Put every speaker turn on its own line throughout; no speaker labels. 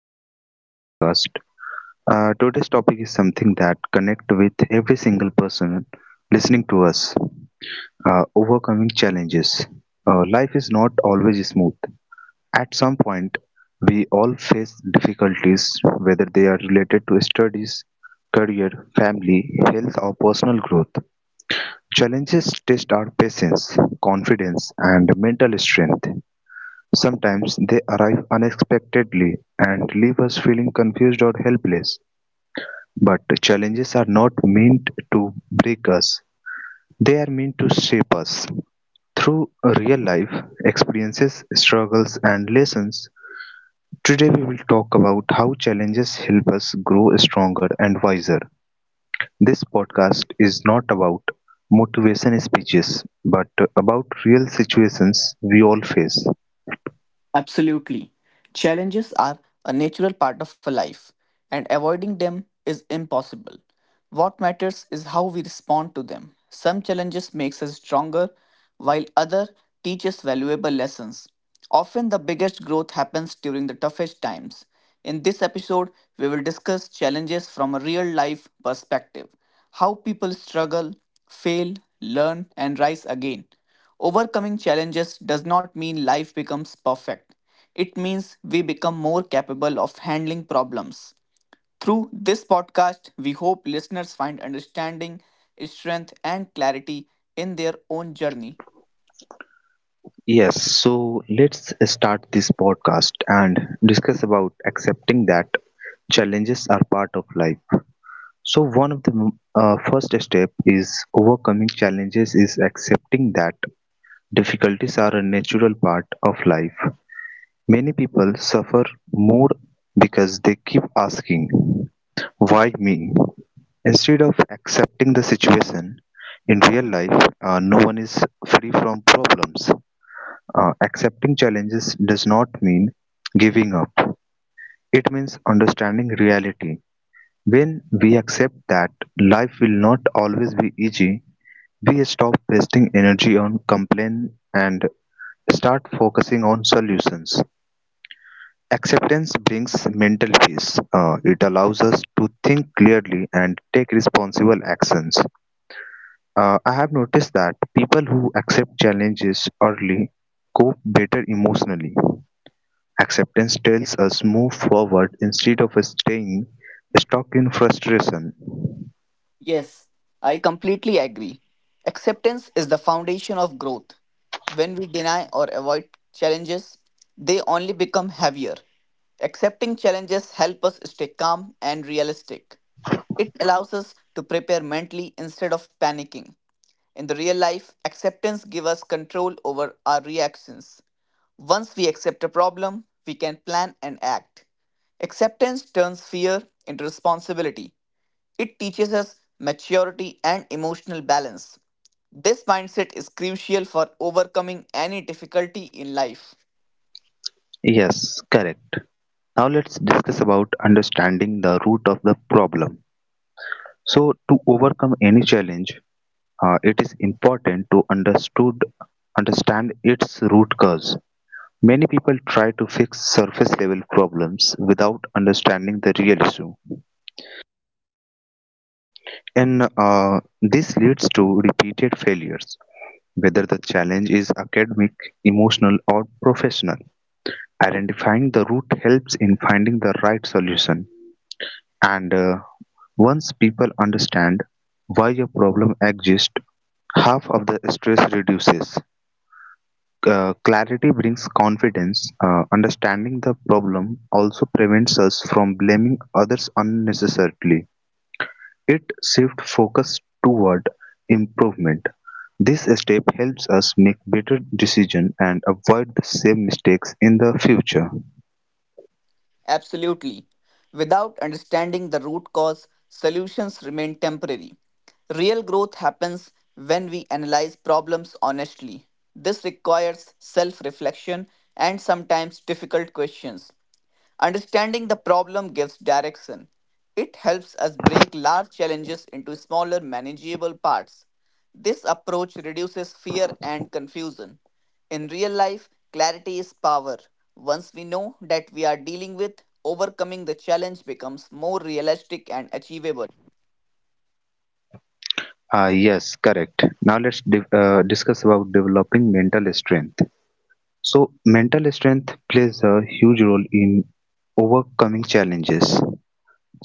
back to our new podcast. Today's topic is something that connect with every single person listening to us. Overcoming challenges. Life is not always smooth. At some point, we all face difficulties, whether they are related to studies, career, family, health, or personal growth. Challenges test our patience, confidence, and mental strength. Sometimes they arrive unexpectedly and leave us feeling confused or helpless, but challenges are not meant to break us. They are meant to shape us. Through real life experiences, struggles, and lessons, today we will talk about how challenges help us grow stronger and wiser. This podcast is not about motivation speeches, but about real situations we all face.
Absolutely. Challenges are a natural part of a life, and avoiding them is impossible. What matters is how we respond to them. Some challenges makes us stronger, while other teach us valuable lessons. Often the biggest growth happens during the toughest times. In this episode, we will discuss challenges from a real life perspective how people struggle, fail, learn, and rise again. Overcoming challenges does not mean life becomes perfect, it means we become more capable of handling problems. Through this podcast, we hope listeners find understanding, strength, and clarity in their own journey.
Yes, so let's start this podcast and discuss about accepting that challenges are part of life. So one of the first step is overcoming challenges is accepting that difficulties are a natural part of life. Many people suffer more because they keep asking, why me? Instead of accepting the situation, in real life, no one is free from problems. Accepting challenges does not mean giving up. It means understanding reality. When we accept that life will not always be easy, we stop wasting energy on complaint and start focusing on solutions. Acceptance brings mental peace. It allows us to think clearly and take responsible actions. I have noticed that people who accept challenges early cope better emotionally. Acceptance tells us move forward instead of staying stuck in frustration.
Yes, I completely agree. Acceptance is the foundation of growth. When we deny or avoid challenges, they only become heavier. Accepting challenges help us stay calm and realistic. It allows us to prepare mentally instead of panicking. In the real life, acceptance gives us control over our reactions. Once we accept a problem, we can plan and act. Acceptance turns fear into responsibility. It teaches us maturity and emotional balance. This mindset is crucial for overcoming any difficulty in life.
Yes, correct. Now let's discuss about understanding the root of the problem. So to overcome any challenge, it is important to understood understand its root cause. Many people try to fix surface level problems without understanding the real issue, and this leads to repeated failures. Whether the challenge is academic, emotional, or professional, identifying the root helps in finding the right solution. And once people understand why a problem exists, half of the stress reduces. Clarity brings confidence. Understanding the problem also prevents us from blaming others unnecessarily. It shifts focus toward improvement. This step helps us make better decisions and avoid the same mistakes in the future.
Absolutely. Without understanding the root cause, solutions remain temporary. Real growth happens when we analyze problems honestly. This requires self reflection and sometimes difficult questions. Understanding the problem gives direction. It helps us break large challenges into smaller, manageable parts. This approach reduces fear and confusion. In real life, clarity is power. Once we know that we are dealing with, overcoming the challenge becomes more realistic and achievable.
Yes, correct. Now let's div discuss about developing mental strength. So, mental strength plays a huge role in overcoming challenges.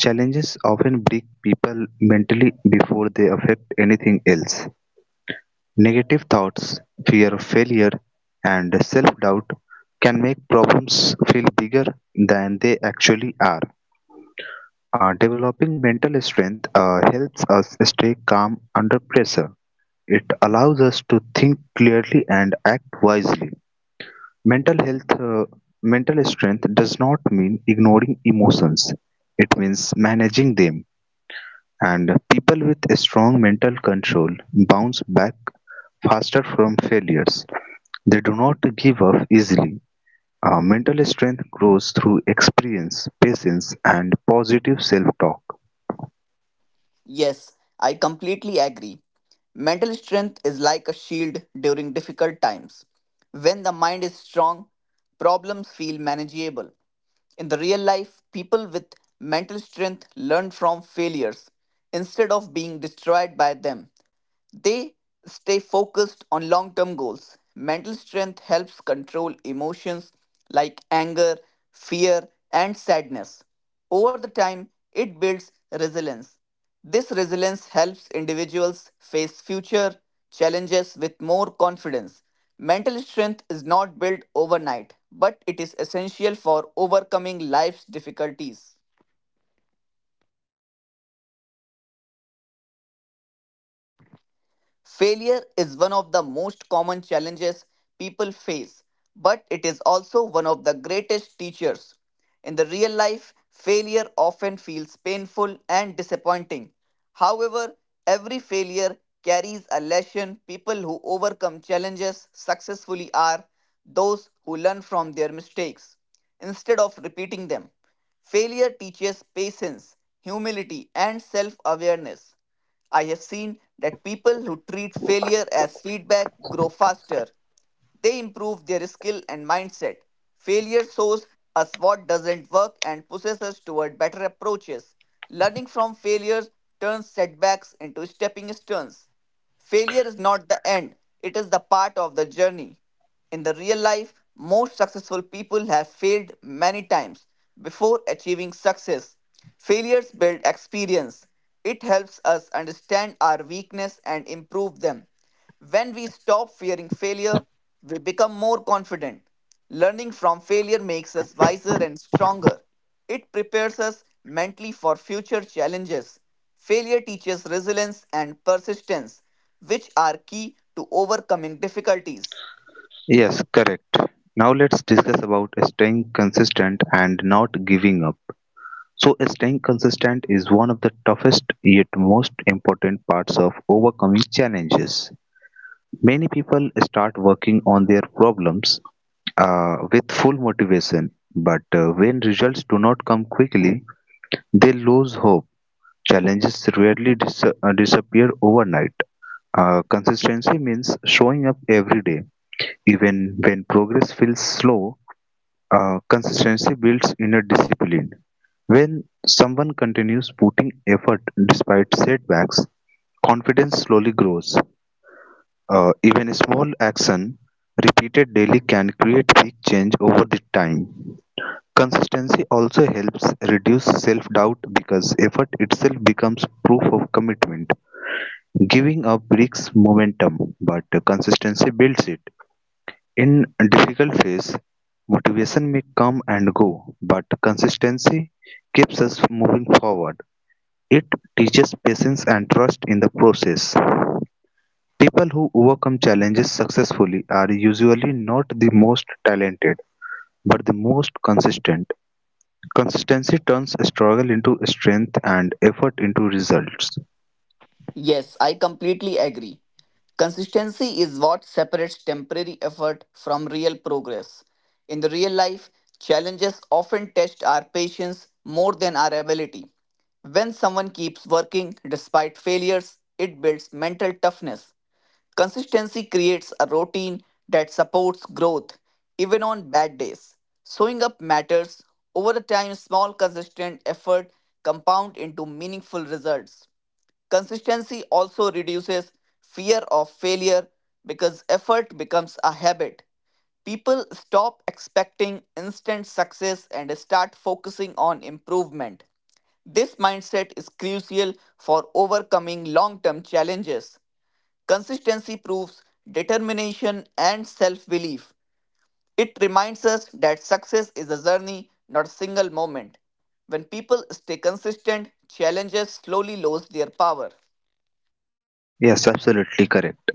Challenges often break people mentally before they affect anything else. Negative thoughts, fear of failure, and self doubt can make problems feel bigger than they actually are. Developing mental strength helps us stay calm under pressure. It allows us to think clearly and act wisely. Mental health, uh, mental strength does not mean ignoring emotions. It means managing them. And people with a strong mental control bounce back faster from failures. They do not give up easily. Mental strength grows through experience, patience, and positive self talk.
Yes, I completely agree. Mental strength is like a shield during difficult times. When the mind is strong, problems feel manageable. In the real life, people with mental strength learn from failures instead of being destroyed by them. They stay focused on long term goals. Mental strength helps control emotions like anger, fear, and sadness. Over the time, it builds resilience. This resilience helps individuals face future challenges with more confidence. Mental strength is not built overnight, but it is essential for overcoming life's difficulties. Failure is one of the most common challenges people face, but it is also one of the greatest teachers. In the real life, failure often feels painful and disappointing. However, every failure carries a lesson. People who overcome challenges successfully are those who learn from their mistakes instead of repeating them. Failure teaches patience, humility, and self awareness. I have seen that people who treat failure as feedback grow faster. They improve their skill and mindset. Failure shows us what doesn't work and pushes us toward better approaches. Learning from failures turns setbacks into stepping stones. Failure is not the end, it is the part of the journey. In the real life, most successful people have failed many times before achieving success. Failures build experience. It helps us understand our weakness and improve them. When we stop fearing failure, we become more confident. Learning from failure makes us wiser and stronger. It prepares us mentally for future challenges. Failure teaches resilience and persistence, which are key to overcoming difficulties.
Yes, correct. Now let's discuss about staying consistent and not giving up. So, staying consistent is one of the toughest yet most important parts of overcoming challenges. Many people start working on their problems with full motivation, but when results do not come quickly, they lose hope. Challenges rarely disappear overnight. Consistency means showing up every day, even when progress feels slow. Consistency builds inner discipline. When someone continues putting effort despite setbacks, confidence slowly grows. Even a small action repeated daily can create big change over the time. Consistency also helps reduce self doubt because effort itself becomes proof of commitment. Giving up breaks momentum, but consistency builds it. In a difficult phase, motivation may come and go, but consistency keeps us moving forward. It teaches patience and trust in the process. People who overcome challenges successfully are usually not the most talented, but the most consistent. Consistency turns struggle into strength and effort into results.
Yes, I completely agree. Consistency is what separates temporary effort from real progress. In the real life, challenges often test our patience more than our ability. When someone keeps working despite failures, it builds mental toughness. Consistency creates a routine that supports growth, even on bad days. Showing up matters. Over the time, small consistent effort compound into meaningful results. Consistency also reduces fear of failure because effort becomes a habit. People stop expecting instant success and start focusing on improvement. This mindset is crucial for overcoming long term challenges. Consistency proves determination and self belief. It reminds us that success is a journey, not a single moment. When people stay consistent, challenges slowly lose their power.
Yes, absolutely correct.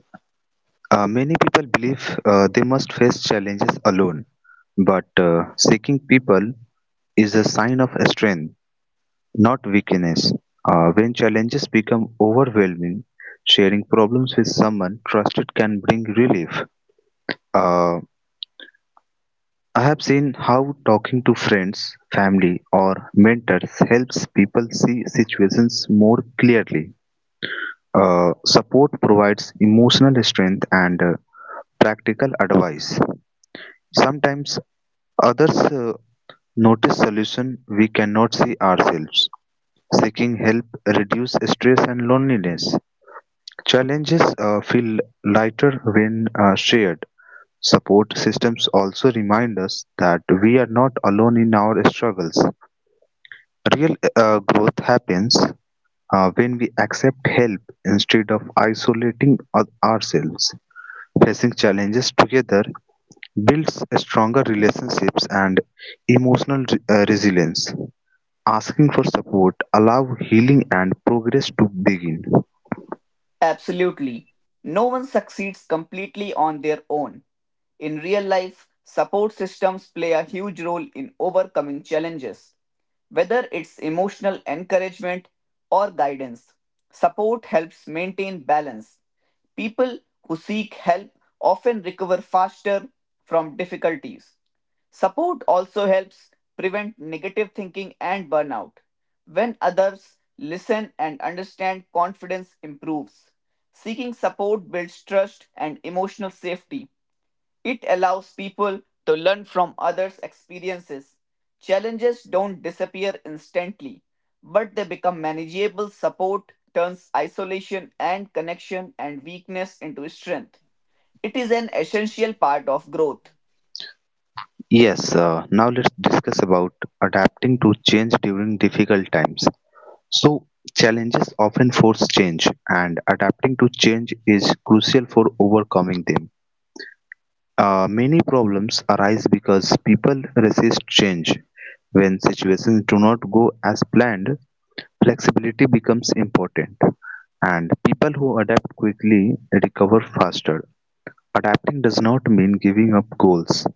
Many people believe they must face challenges alone, but seeking people is a sign of strength, not weakness. When challenges become overwhelming, sharing problems with someone trusted can bring relief. Uh, I have seen how talking to friends, family, or mentors helps people see situations more clearly. Support provides emotional strength and practical advice. Sometimes others notice solution we cannot see ourselves. Seeking help reduces stress and loneliness. Challenges feel lighter when shared. Support systems also remind us that we are not alone in our struggles. Real growth happens when we accept help instead of isolating ourselves. Facing challenges together builds stronger relationships and emotional resilience. Asking for support allows healing and progress to begin.
Absolutely. No one succeeds completely on their own. In real life, support systems play a huge role in overcoming challenges, whether it's emotional encouragement or guidance. Support helps maintain balance. People who seek help often recover faster from difficulties. Support also helps prevent negative thinking and burnout. When others listen and understand, confidence improves. Seeking support builds trust and emotional safety. It allows people to learn from others' experiences. Challenges don't disappear instantly, but they become manageable. Support turns isolation and connection and weakness into strength. It is an essential part of growth.
Yes, now let's discuss about adapting to change during difficult times. So, challenges often force change, and adapting to change is crucial for overcoming them. Many problems arise because people resist change. When situations do not go as planned, flexibility becomes important, and people who adapt quickly recover faster. Adapting does not mean giving up goals,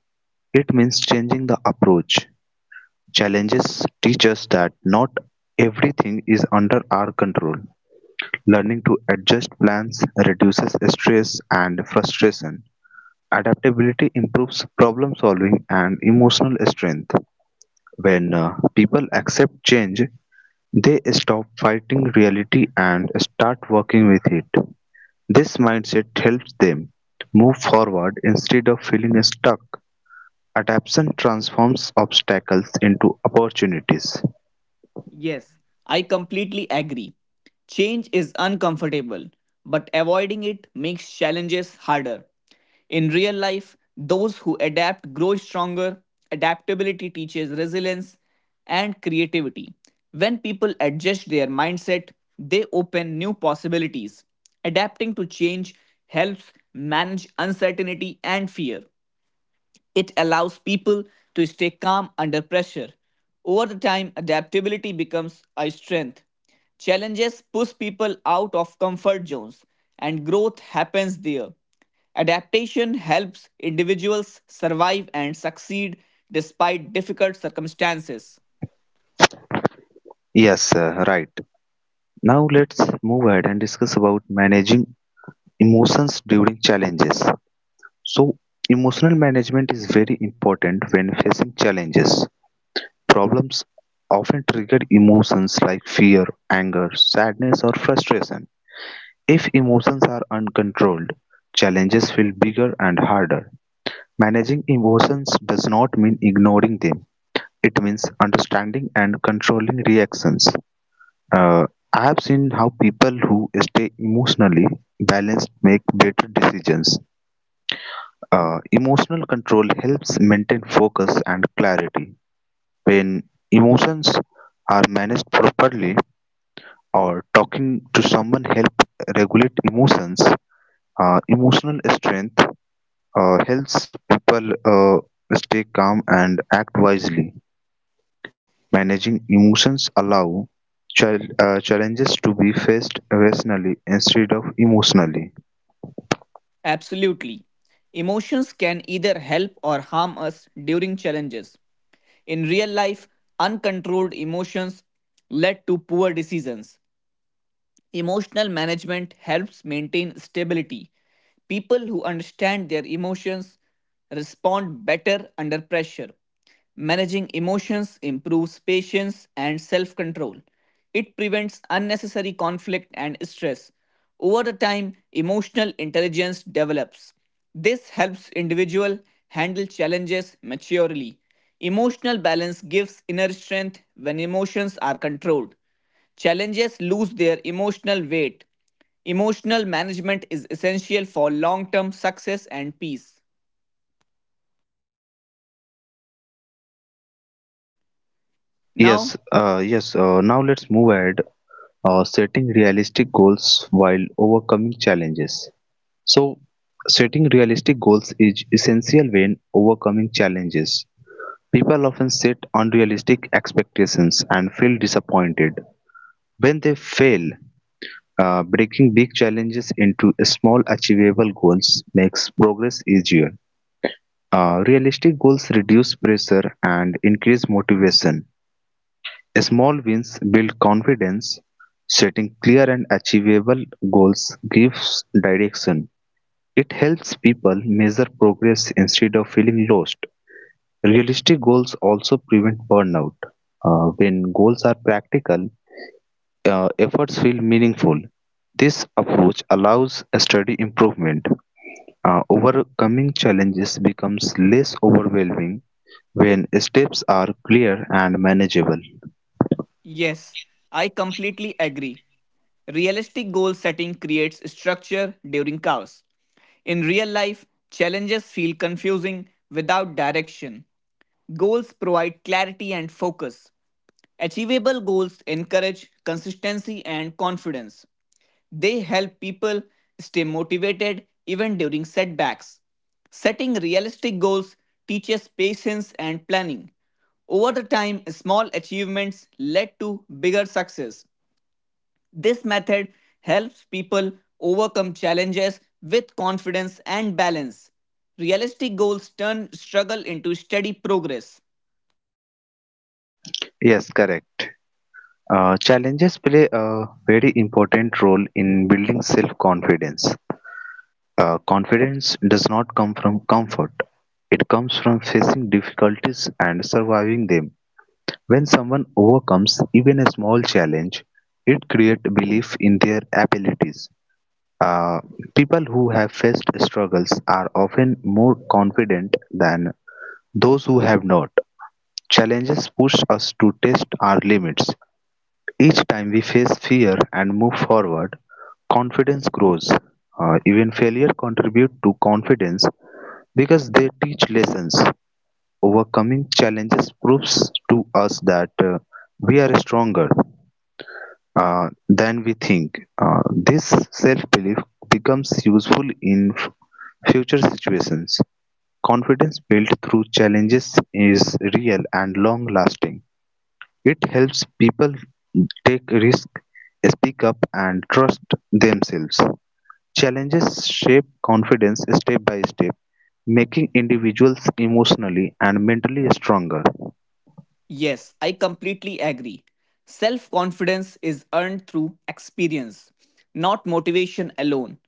it means changing the approach. Challenges teach us that not everything is under our control. Learning to adjust plans reduces stress and frustration. Adaptability improves problem solving and emotional strength. When people accept change, they stop fighting reality and start working with it. This mindset helps them move forward instead of feeling stuck. Adaptation transforms obstacles into opportunities.
Yes, I completely agree. Change is uncomfortable, but avoiding it makes challenges harder. In real life, those who adapt grow stronger. Adaptability teaches resilience and creativity. When people adjust their mindset, they open new possibilities. Adapting to change helps manage uncertainty and fear. It allows people to stay calm under pressure. Over the time, adaptability becomes a strength. Challenges push people out of comfort zones, and growth happens there. Adaptation helps individuals survive and succeed despite difficult circumstances.
Yes, right. Now let's move ahead and discuss about managing emotions during challenges. So, emotional management is very important when facing challenges. Problems often trigger emotions like fear, anger, sadness, or frustration. If emotions are uncontrolled, challenges feel bigger and harder. Managing emotions does not mean ignoring them. It means understanding and controlling reactions. Uh, I have seen how people who stay emotionally balanced make better decisions. Emotional control helps maintain focus and clarity. When emotions are managed properly, or talking to someone help regulate emotions, emotional strength helps people stay calm and act wisely. Managing emotions allow challenges to be faced rationally instead of emotionally.
Absolutely. Emotions can either help or harm us during challenges. In real life, uncontrolled emotions led to poor decisions. Emotional management helps maintain stability. People who understand their emotions respond better under pressure. Managing emotions improves patience and self control. It prevents unnecessary conflict and stress. Over the time, emotional intelligence develops. This helps individual handle challenges maturely. Emotional balance gives inner strength when emotions are controlled. Challenges lose their emotional weight. Emotional management is essential for long term success and peace.
Yes,
Now,
yes. Now let's move ahead. Setting realistic goals while overcoming challenges. So, setting realistic goals is essential when overcoming challenges. People often set unrealistic expectations and feel disappointed when they fail. Breaking big challenges into small achievable goals makes progress easier. Realistic goals reduce pressure and increase motivation. Small wins build confidence, setting clear and achievable goals gives direction. It helps people measure progress instead of feeling lost. Realistic goals also prevent burnout. When goals are practical, efforts feel meaningful. This approach allows a steady improvement. Overcoming challenges becomes less overwhelming when steps are clear and manageable.
yes, I completely agree. Realistic goal setting creates structure during chaos. In real life, challenges feel confusing without direction. Goals provide clarity and focus. Achievable goals encourage consistency and confidence. They help people stay motivated even during setbacks. Setting realistic goals teaches patience and planning. Over the time, small achievements led to bigger success. This method helps people overcome challenges with confidence and balance. Realistic goals turn struggle into steady progress.
Yes, correct. Challenges play a very important role in building self confidence. Confidence does not come from comfort, it comes from facing difficulties and surviving them. When someone overcomes even a small challenge, it creates belief in their abilities. Uh, people who have faced struggles are often more confident than those who have not. Challenges push us to test our limits. Each time we face fear and move forward, confidence grows. Even failure contribute to confidence because they teach lessons. Overcoming challenges proves to us that we are stronger than we think. This self-belief becomes useful in future situations. Confidence built through challenges is real and long-lasting. It helps people take risk, speak up, and trust themselves. Challenges shape confidence step by step, making individuals emotionally and mentally stronger.
Yes, I completely agree. Self confidence is earned through experience, not motivation alone.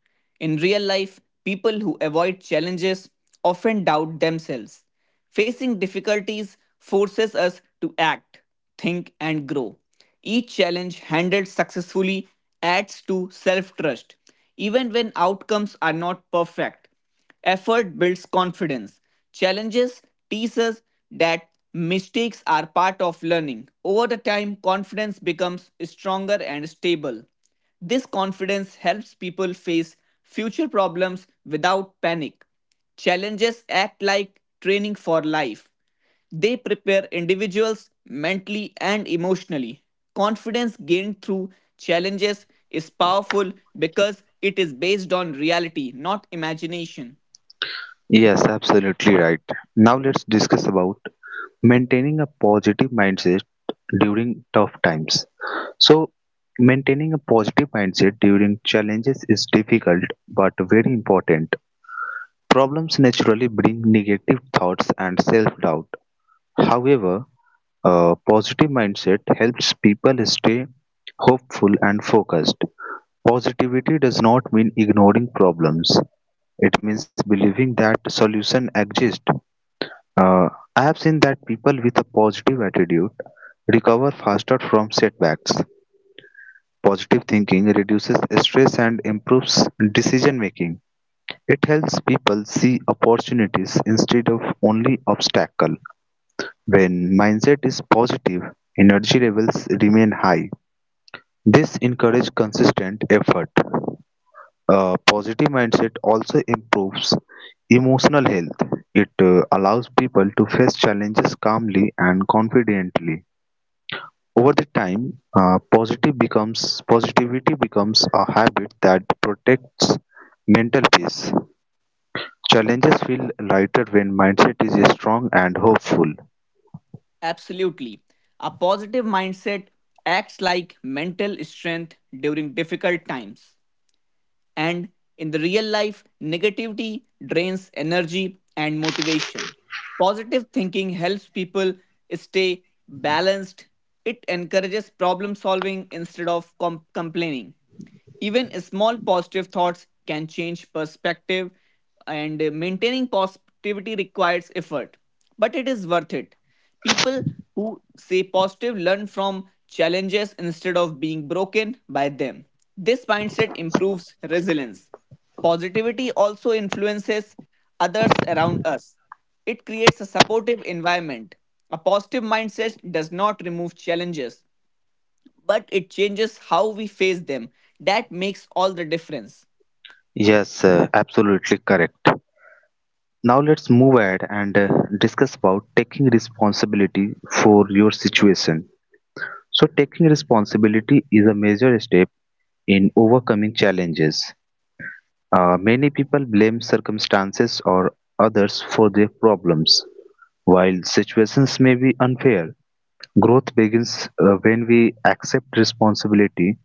In real life, people who avoid challenges often doubt themselves. Facing difficulties forces us to act, think, and grow. Each challenge handled successfully adds to self trust, even when outcomes are not perfect. Effort builds confidence. Challenges teach us that mistakes are part of learning. Over the time, confidence becomes stronger and stable. This confidence helps people face future problems without panic. Challenges act like training for life. They prepare individuals mentally and emotionally. Confidence gained through challenges is powerful because it is based on reality, not imagination.
Yes, absolutely right. Now let's discuss about maintaining a positive mindset during tough times. So, maintaining a positive mindset during challenges is difficult but very important. Problems naturally bring negative thoughts and self doubt. However, a positive mindset helps people stay hopeful and focused. Positivity does not mean ignoring problems. It means believing that solutions exist. Uh, I have seen that people with a positive attitude recover faster from setbacks. Positive thinking reduces stress and improves decision making. It helps people see opportunities instead of only obstacles. When mindset is positive, energy levels remain high. This encourages consistent effort. A positive mindset also improves emotional health. It allows people to face challenges calmly and confidently. Over the time, positive becomes positivity becomes a habit that protects mental peace. Challenges feel lighter when mindset is strong and hopeful.
Absolutely. A positive mindset acts like mental strength during difficult times. And in the real life, negativity drains energy and motivation. Positive thinking helps people stay balanced. It encourages problem solving instead of complaining. Even small positive thoughts can change perspective, and maintaining positivity requires effort, but it is worth it. People who say positive learn from challenges instead of being broken by them. This mindset improves resilience. Positivity also influences others around us. It creates a supportive environment. A positive mindset does not remove challenges, but it changes how we face them. That makes all the difference.
Yes, absolutely correct. Now let's move ahead and discuss about taking responsibility for your situation. So taking responsibility is a major step in overcoming challenges. Many people blame circumstances or others for their problems. While situations may be unfair, growth begins when we accept responsibility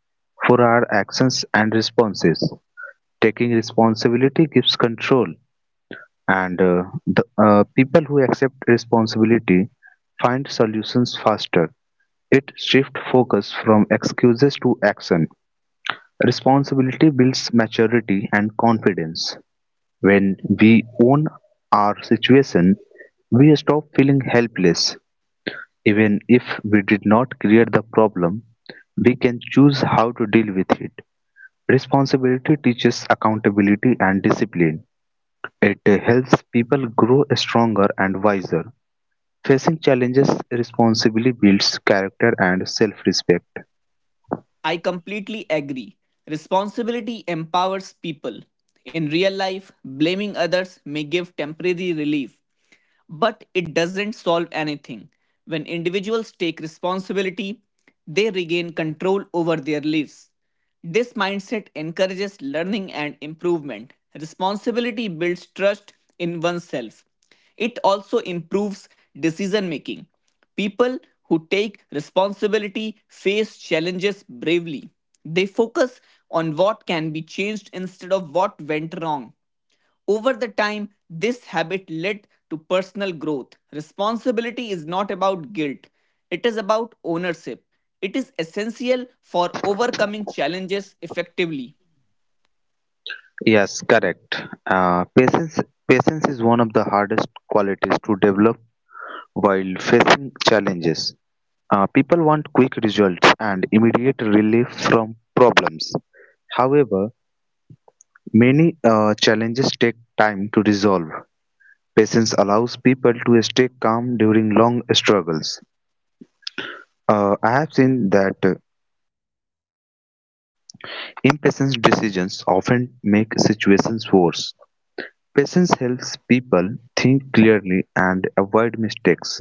for our actions and responses. Taking responsibility gives control and the people who accept responsibility find solutions faster. It shifts focus from excuses to action. Responsibility builds maturity and confidence. When we own our situation, we stop feeling helpless. Even if we did not create the problem, we can choose how to deal with it. Responsibility teaches accountability and discipline. It helps people grow stronger and wiser. Facing challenges responsibly builds character and self-respect.
I completely agree. Responsibility empowers people. In real life, blaming others may give temporary relief, but it doesn't solve anything. When individuals take responsibility, they regain control over their lives. This mindset encourages learning and improvement. Responsibility builds trust in oneself. It also improves decision making. People who take responsibility face challenges bravely. They focus on what can be changed instead of what went wrong. Over the time, this habit led to personal growth. Responsibility is not about guilt, it is about ownership. It is essential for overcoming challenges effectively.
Yes, correct. Uh, patience, patience is one of the hardest qualities to develop while facing challenges. People want quick results and immediate relief from problems. However, many challenges take time to resolve. Patience allows people to stay calm during long struggles. I have seen that impatient decisions often make situations worse. Patience helps people think clearly and avoid mistakes.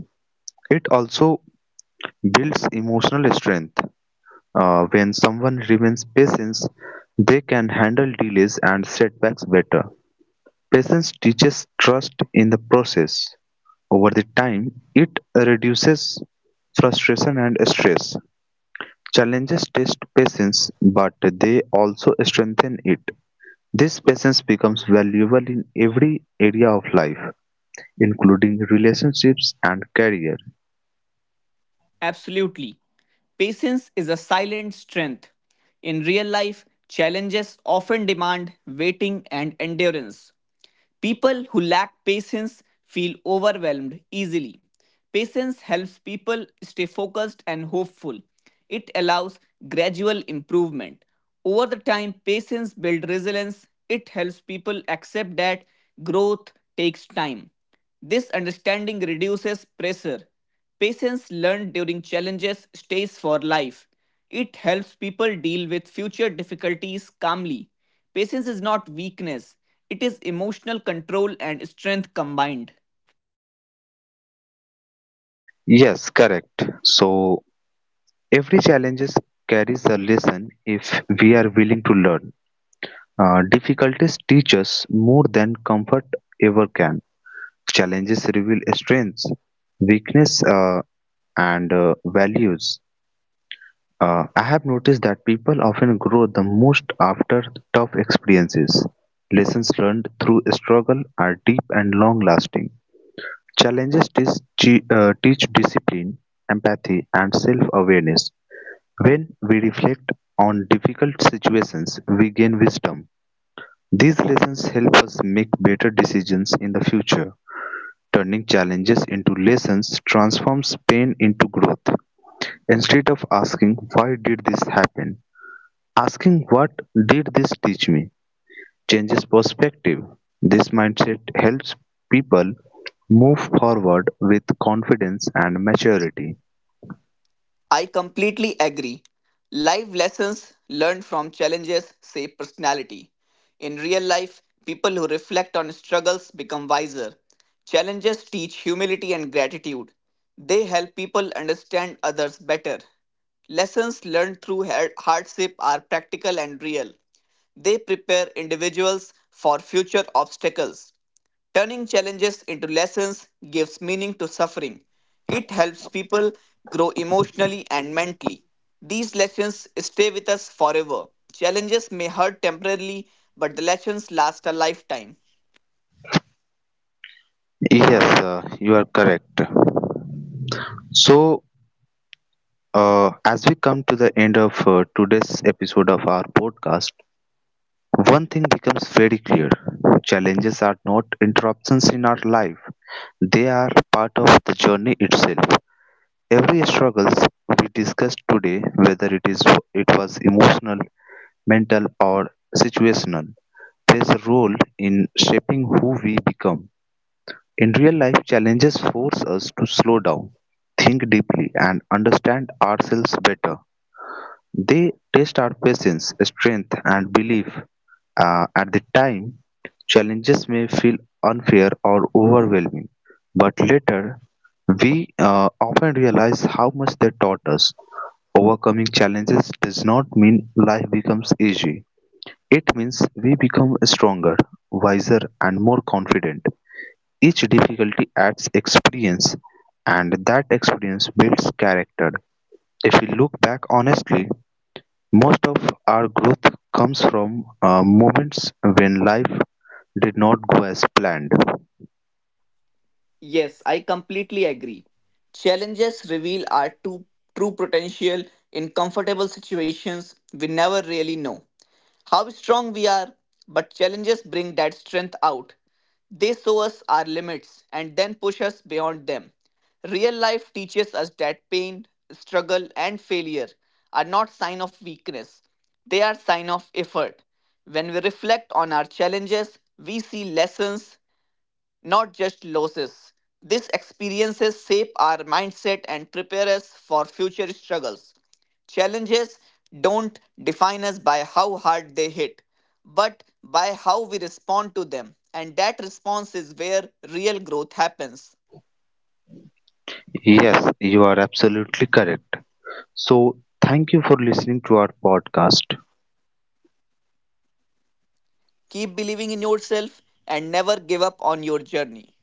It also builds emotional strength. When someone remains patient, they can handle delays and setbacks better. Patience teaches trust in the process. Over the time, it reduces frustration and stress. Challenges test patience, but they also strengthen it. This patience becomes valuable in every area of life, including relationships and career.
Absolutely. Patience is a silent strength. In real life, challenges often demand waiting and endurance. People who lack patience feel overwhelmed easily. Patience helps people stay focused and hopeful. It allows gradual improvement. Over the time, patience builds resilience. It helps people accept that growth takes time. This understanding reduces pressure. Patience learned during challenges stays for life. It helps people deal with future difficulties calmly. Patience is not weakness, it is emotional control and strength combined.
Yes, correct. So every challenge carries a lesson if we are willing to learn. Difficulties teach us more than comfort ever can. Challenges reveal strengths, weakness, and values. I have noticed that people often grow the most after tough experiences. Lessons learned through struggle are deep and long lasting. Challenges teach, teach discipline, empathy, and self awareness. When we reflect on difficult situations, we gain wisdom. These lessons help us make better decisions in the future. Turning challenges into lessons transforms pain into growth. Instead of asking, "Why did this happen?" Asking, "What did this teach me?" changes perspective. This mindset helps people move forward with confidence and maturity.
I completely agree. Life lessons learned from challenges shape personality. In real life, people who reflect on struggles become wiser. Challenges teach humility and gratitude. They help people understand others better. Lessons learned through hardship are practical and real. They prepare individuals for future obstacles. Turning challenges into lessons gives meaning to suffering. It helps people grow emotionally and mentally. These lessons stay with us forever. Challenges may hurt temporarily, but the lessons last a lifetime.
Yes, you are correct. So, as we come to the end of today's episode of our podcast, one thing becomes very clear: challenges are not interruptions in our life, they are part of the journey itself. Every struggles we discuss today, whether it is it was emotional, mental or situational, plays a role in shaping who we become. In real life, challenges force us to slow down, think deeply and understand ourselves better. They test our patience, strength and belief. At the time, challenges may feel unfair or overwhelming, but later we often realize how much they taught us. Overcoming challenges does not mean life becomes easy. It means we become stronger, wiser, and more confident. Each difficulty adds experience, and that experience builds character. If we look back honestly, most of our growth comes from moments when life did not go as planned.
Yes, I completely agree. Challenges reveal our true potential. In comfortable situations we never really know how strong we are, but challenges bring that strength out. They show us our limits and then push us beyond them. Real life teaches us that pain, struggle, and failure are not sign of weakness. They are sign of effort. When we reflect on our challenges, we see lessons not just losses. These experiences shape our mindset and prepare us for future struggles. Challenges don't define us by how hard they hit, but by how we respond to them. And that response is where real growth happens.
Yes, you are absolutely correct. So, thank you for listening to our podcast.
Keep believing in yourself and never give up on your journey.